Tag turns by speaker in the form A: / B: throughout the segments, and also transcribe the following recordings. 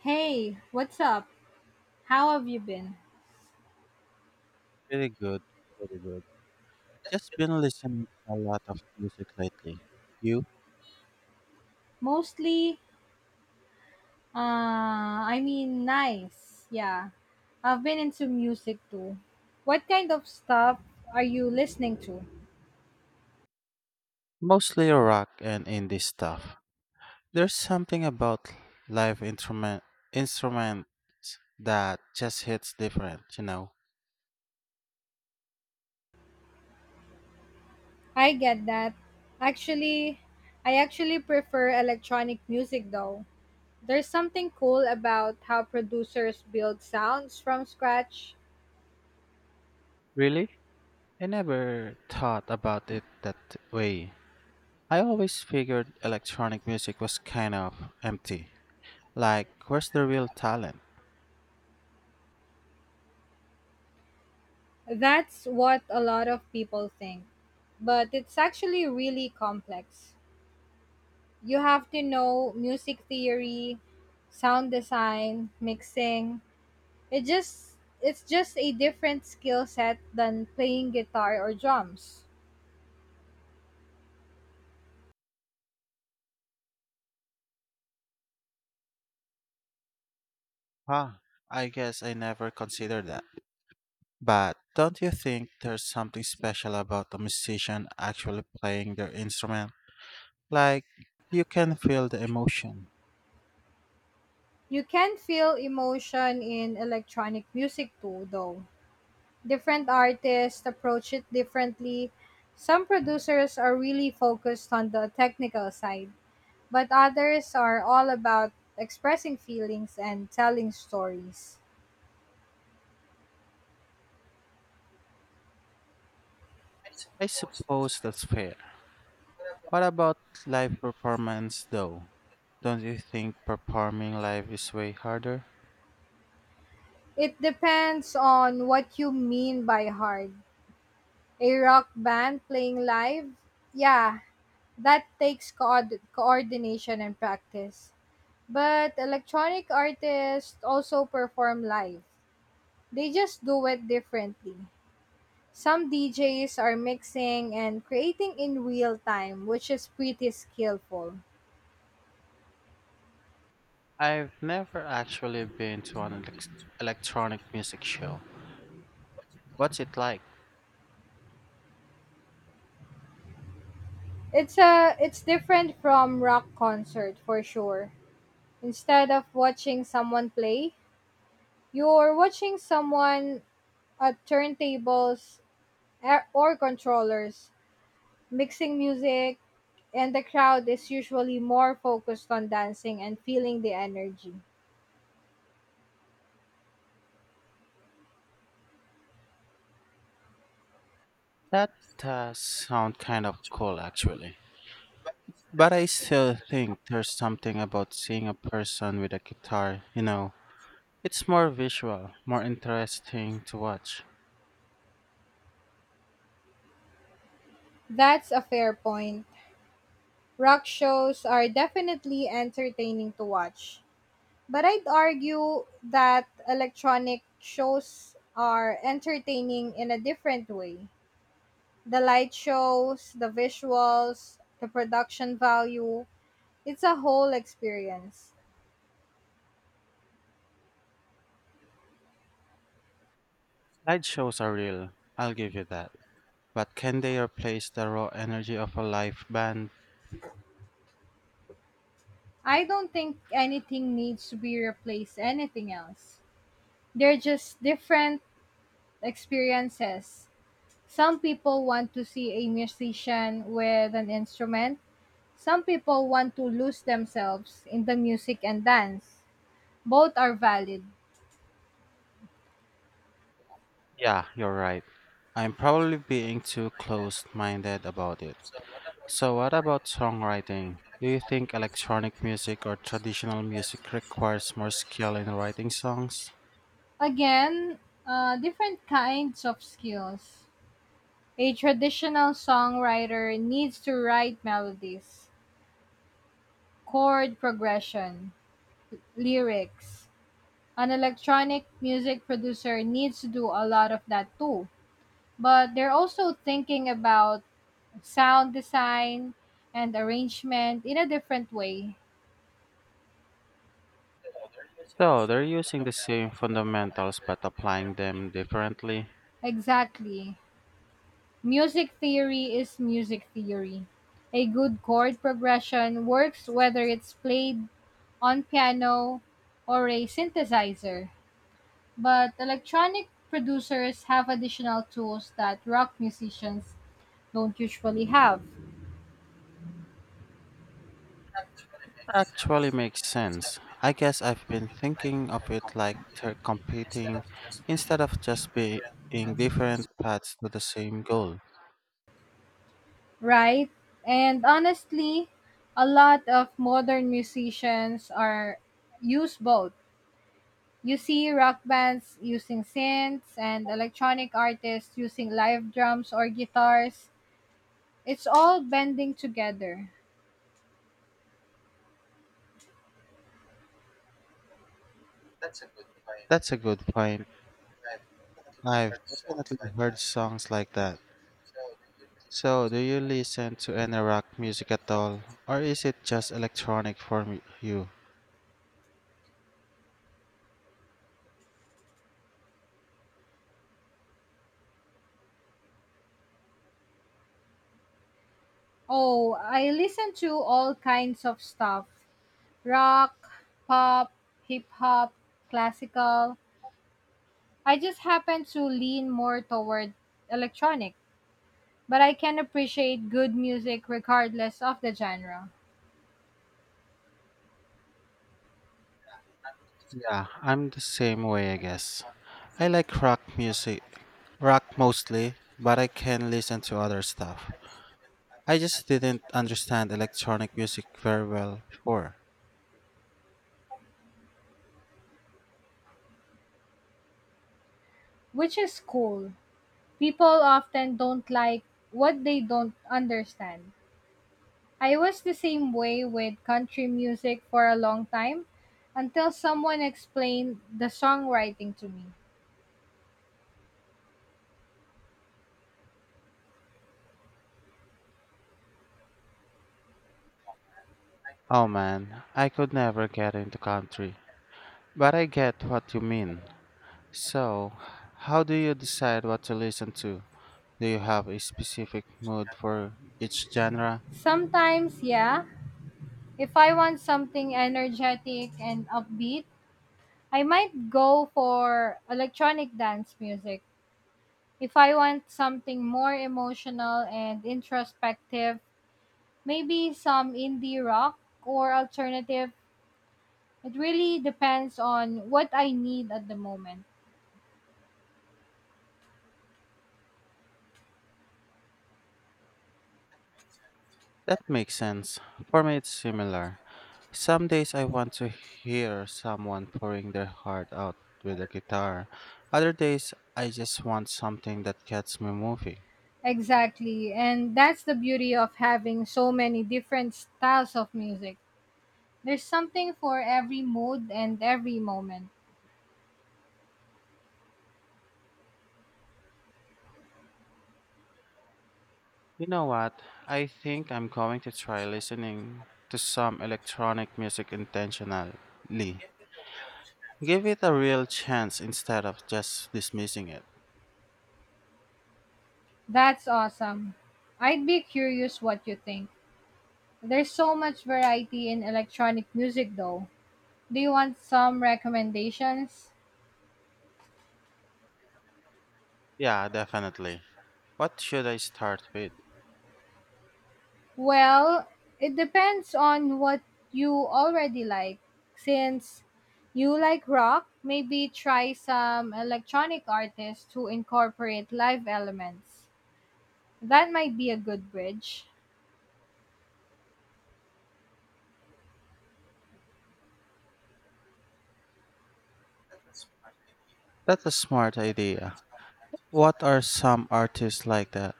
A: Hey, what's up? How have you been?
B: Pretty good, pretty good. Just been listening to a lot of music lately. You?
A: Mostly, I mean, nice. Yeah. I've been into music too. What kind of stuff are you listening to?
B: Mostly rock and indie stuff. There's something about live instruments that just hits different, you know.
A: I get that. Actually, I actually prefer electronic music though. There's something cool about how producers build sounds from scratch.
B: Really? I never thought about it that way. I always figured electronic music was kind of empty. Like, where's the real talent?
A: That's what a lot of people think. But it's actually really complex. You have to know music theory, sound design, mixing. It's just a different skill set than playing guitar or drums.
B: Huh, I guess I never considered that. But don't you think there's something special about a musician actually playing their instrument? Like, you can feel the emotion.
A: You can feel emotion in electronic music too though. Different artists approach it differently. Some producers are really focused on the technical side, but others are all about expressing feelings and telling stories.
B: I suppose that's fair. What about live performance though? Don't you think performing live is way harder?
A: It depends on what you mean by hard. A rock band playing live? Yeah, that takes coordination and practice. But electronic artists also perform live. They just do it differently. Some DJs are mixing and creating in real time, which is pretty skillful.
B: I've never actually been to an electronic music show. What's it like?
A: It's different from rock concert for sure. Instead of watching someone play, you're watching someone at turntables or controllers mixing music, and the crowd is usually more focused on dancing and feeling the energy.
B: That does sound kind of cool actually. But I still think there's something about seeing a person with a guitar, you know, it's more visual, more interesting to watch.
A: That's a fair point. Rock shows are definitely entertaining to watch, but I'd argue that electronic shows are entertaining in a different way. The light shows, the visuals, the production value, it's a whole experience.
B: Slideshows are real, I'll give you that. But can they replace the raw energy of a live band?
A: I don't think anything needs to be replaced anything else. They're just different experiences. Some people want to see a musician with an instrument. Some people want to lose themselves in the music and dance. Both are valid.
B: Yeah, you're right. I'm probably being too closed minded about it. So, what about songwriting? Do you think electronic music or traditional music requires more skill in writing songs?
A: Again, different kinds of skills. A traditional songwriter needs to write melodies, chord progression, lyrics, an electronic music producer needs to do a lot of that too. But they're also thinking about sound design and arrangement in a different way.
B: So, they're using the same fundamentals but applying them differently.
A: Exactly. Music theory is music theory. A good chord progression works whether it's played on piano or a synthesizer. But electronic producers have additional tools that rock musicians don't usually have.
B: Actually makes sense. I guess I've been thinking of it like they're competing instead of just being different paths to the same goal.
A: Right? And honestly, a lot of modern musicians are use both. You see rock bands using synths and electronic artists using live drums or guitars. It's all bending together.
B: That's a good point. I've definitely heard songs like that. So, do you listen to any rock music at all, or is it just electronic for you?
A: Oh, I listen to all kinds of stuff. Rock, pop, hip hop, classical. I just happen to lean more toward electronic. But I can appreciate good music regardless of the genre,
B: Yeah, I'm the same way, I guess. I like rock music, rock mostly, but I can listen to other stuff. I just didn't understand electronic music very well before.
A: which is cool. People often don't like what they don't understand. I was the same way with country music for a long time until someone explained the songwriting to me.
B: Oh man, I could never get into country. But I get what you mean. So, how do you decide what to listen to? Do you have a specific mood for each genre?
A: Sometimes, yeah, if I want something energetic and upbeat, I might go for electronic dance music. If I want something more emotional and introspective, maybe some indie rock or alternative. It really depends on what I need at the moment.
B: That makes sense. For me, it's similar. Some days I want to hear someone pouring their heart out with a guitar. Other days, I just want something that gets me moving.
A: Exactly. And that's the beauty of having so many different styles of music. There's something for every mood and every moment.
B: You know what? I think I'm going to try listening to some electronic music intentionally. Give it a real chance instead of just dismissing it.
A: That's awesome. I'd be curious what you think. There's so much variety in electronic music though. Do you want some recommendations?
B: Yeah, definitely. What should I start with?
A: Well, it depends on what you already like. Since you like rock, maybe try some electronic artists who incorporate live elements. That might be a good bridge.
B: That's a smart idea. What are some artists like that?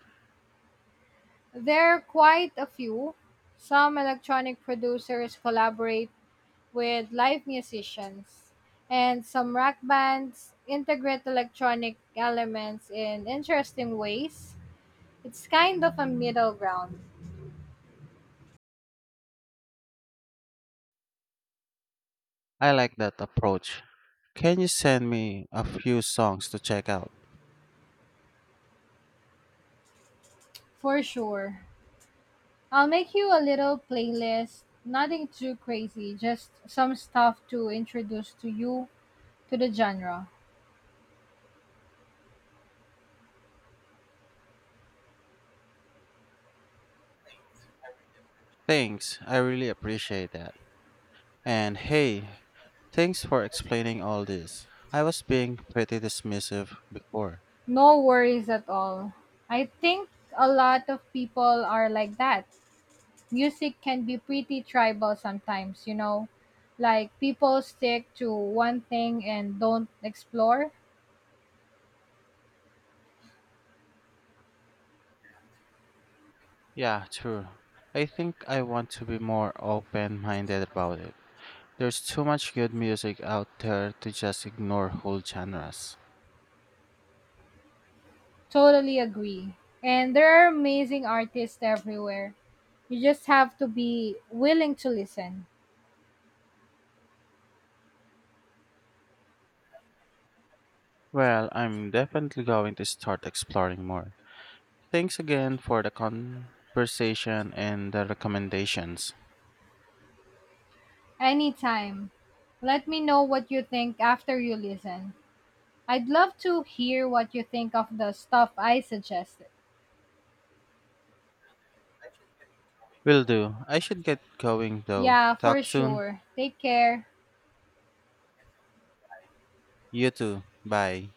A: There are quite a few. Some electronic producers collaborate with live musicians, and some rock bands integrate electronic elements in interesting ways. It's kind of a middle ground.
B: I like that approach. Can you send me a few songs to check out?
A: For sure. I'll make you a little playlist, nothing too crazy, just some stuff to introduce to you to the genre.
B: Thanks, I really appreciate that. And hey, thanks for explaining all this. I was being pretty dismissive before.
A: No worries at all. I think a lot of people are like that. Music can be pretty tribal sometimes, you know? Like people stick to one thing and don't explore.
B: Yeah, true. I think I want to be more open minded about it. There's too much good music out there to just ignore whole genres.
A: Totally agree. And there are amazing artists everywhere. You just have to be willing to listen.
B: Well, I'm definitely going to start exploring more. Thanks again for the conversation and the recommendations.
A: Anytime. Let me know what you think after you listen. I'd love to hear what you think of the stuff I suggested.
B: Will do. I should get going though.
A: Yeah, for
B: Talk soon.
A: sure. Take care.
B: You too. Bye.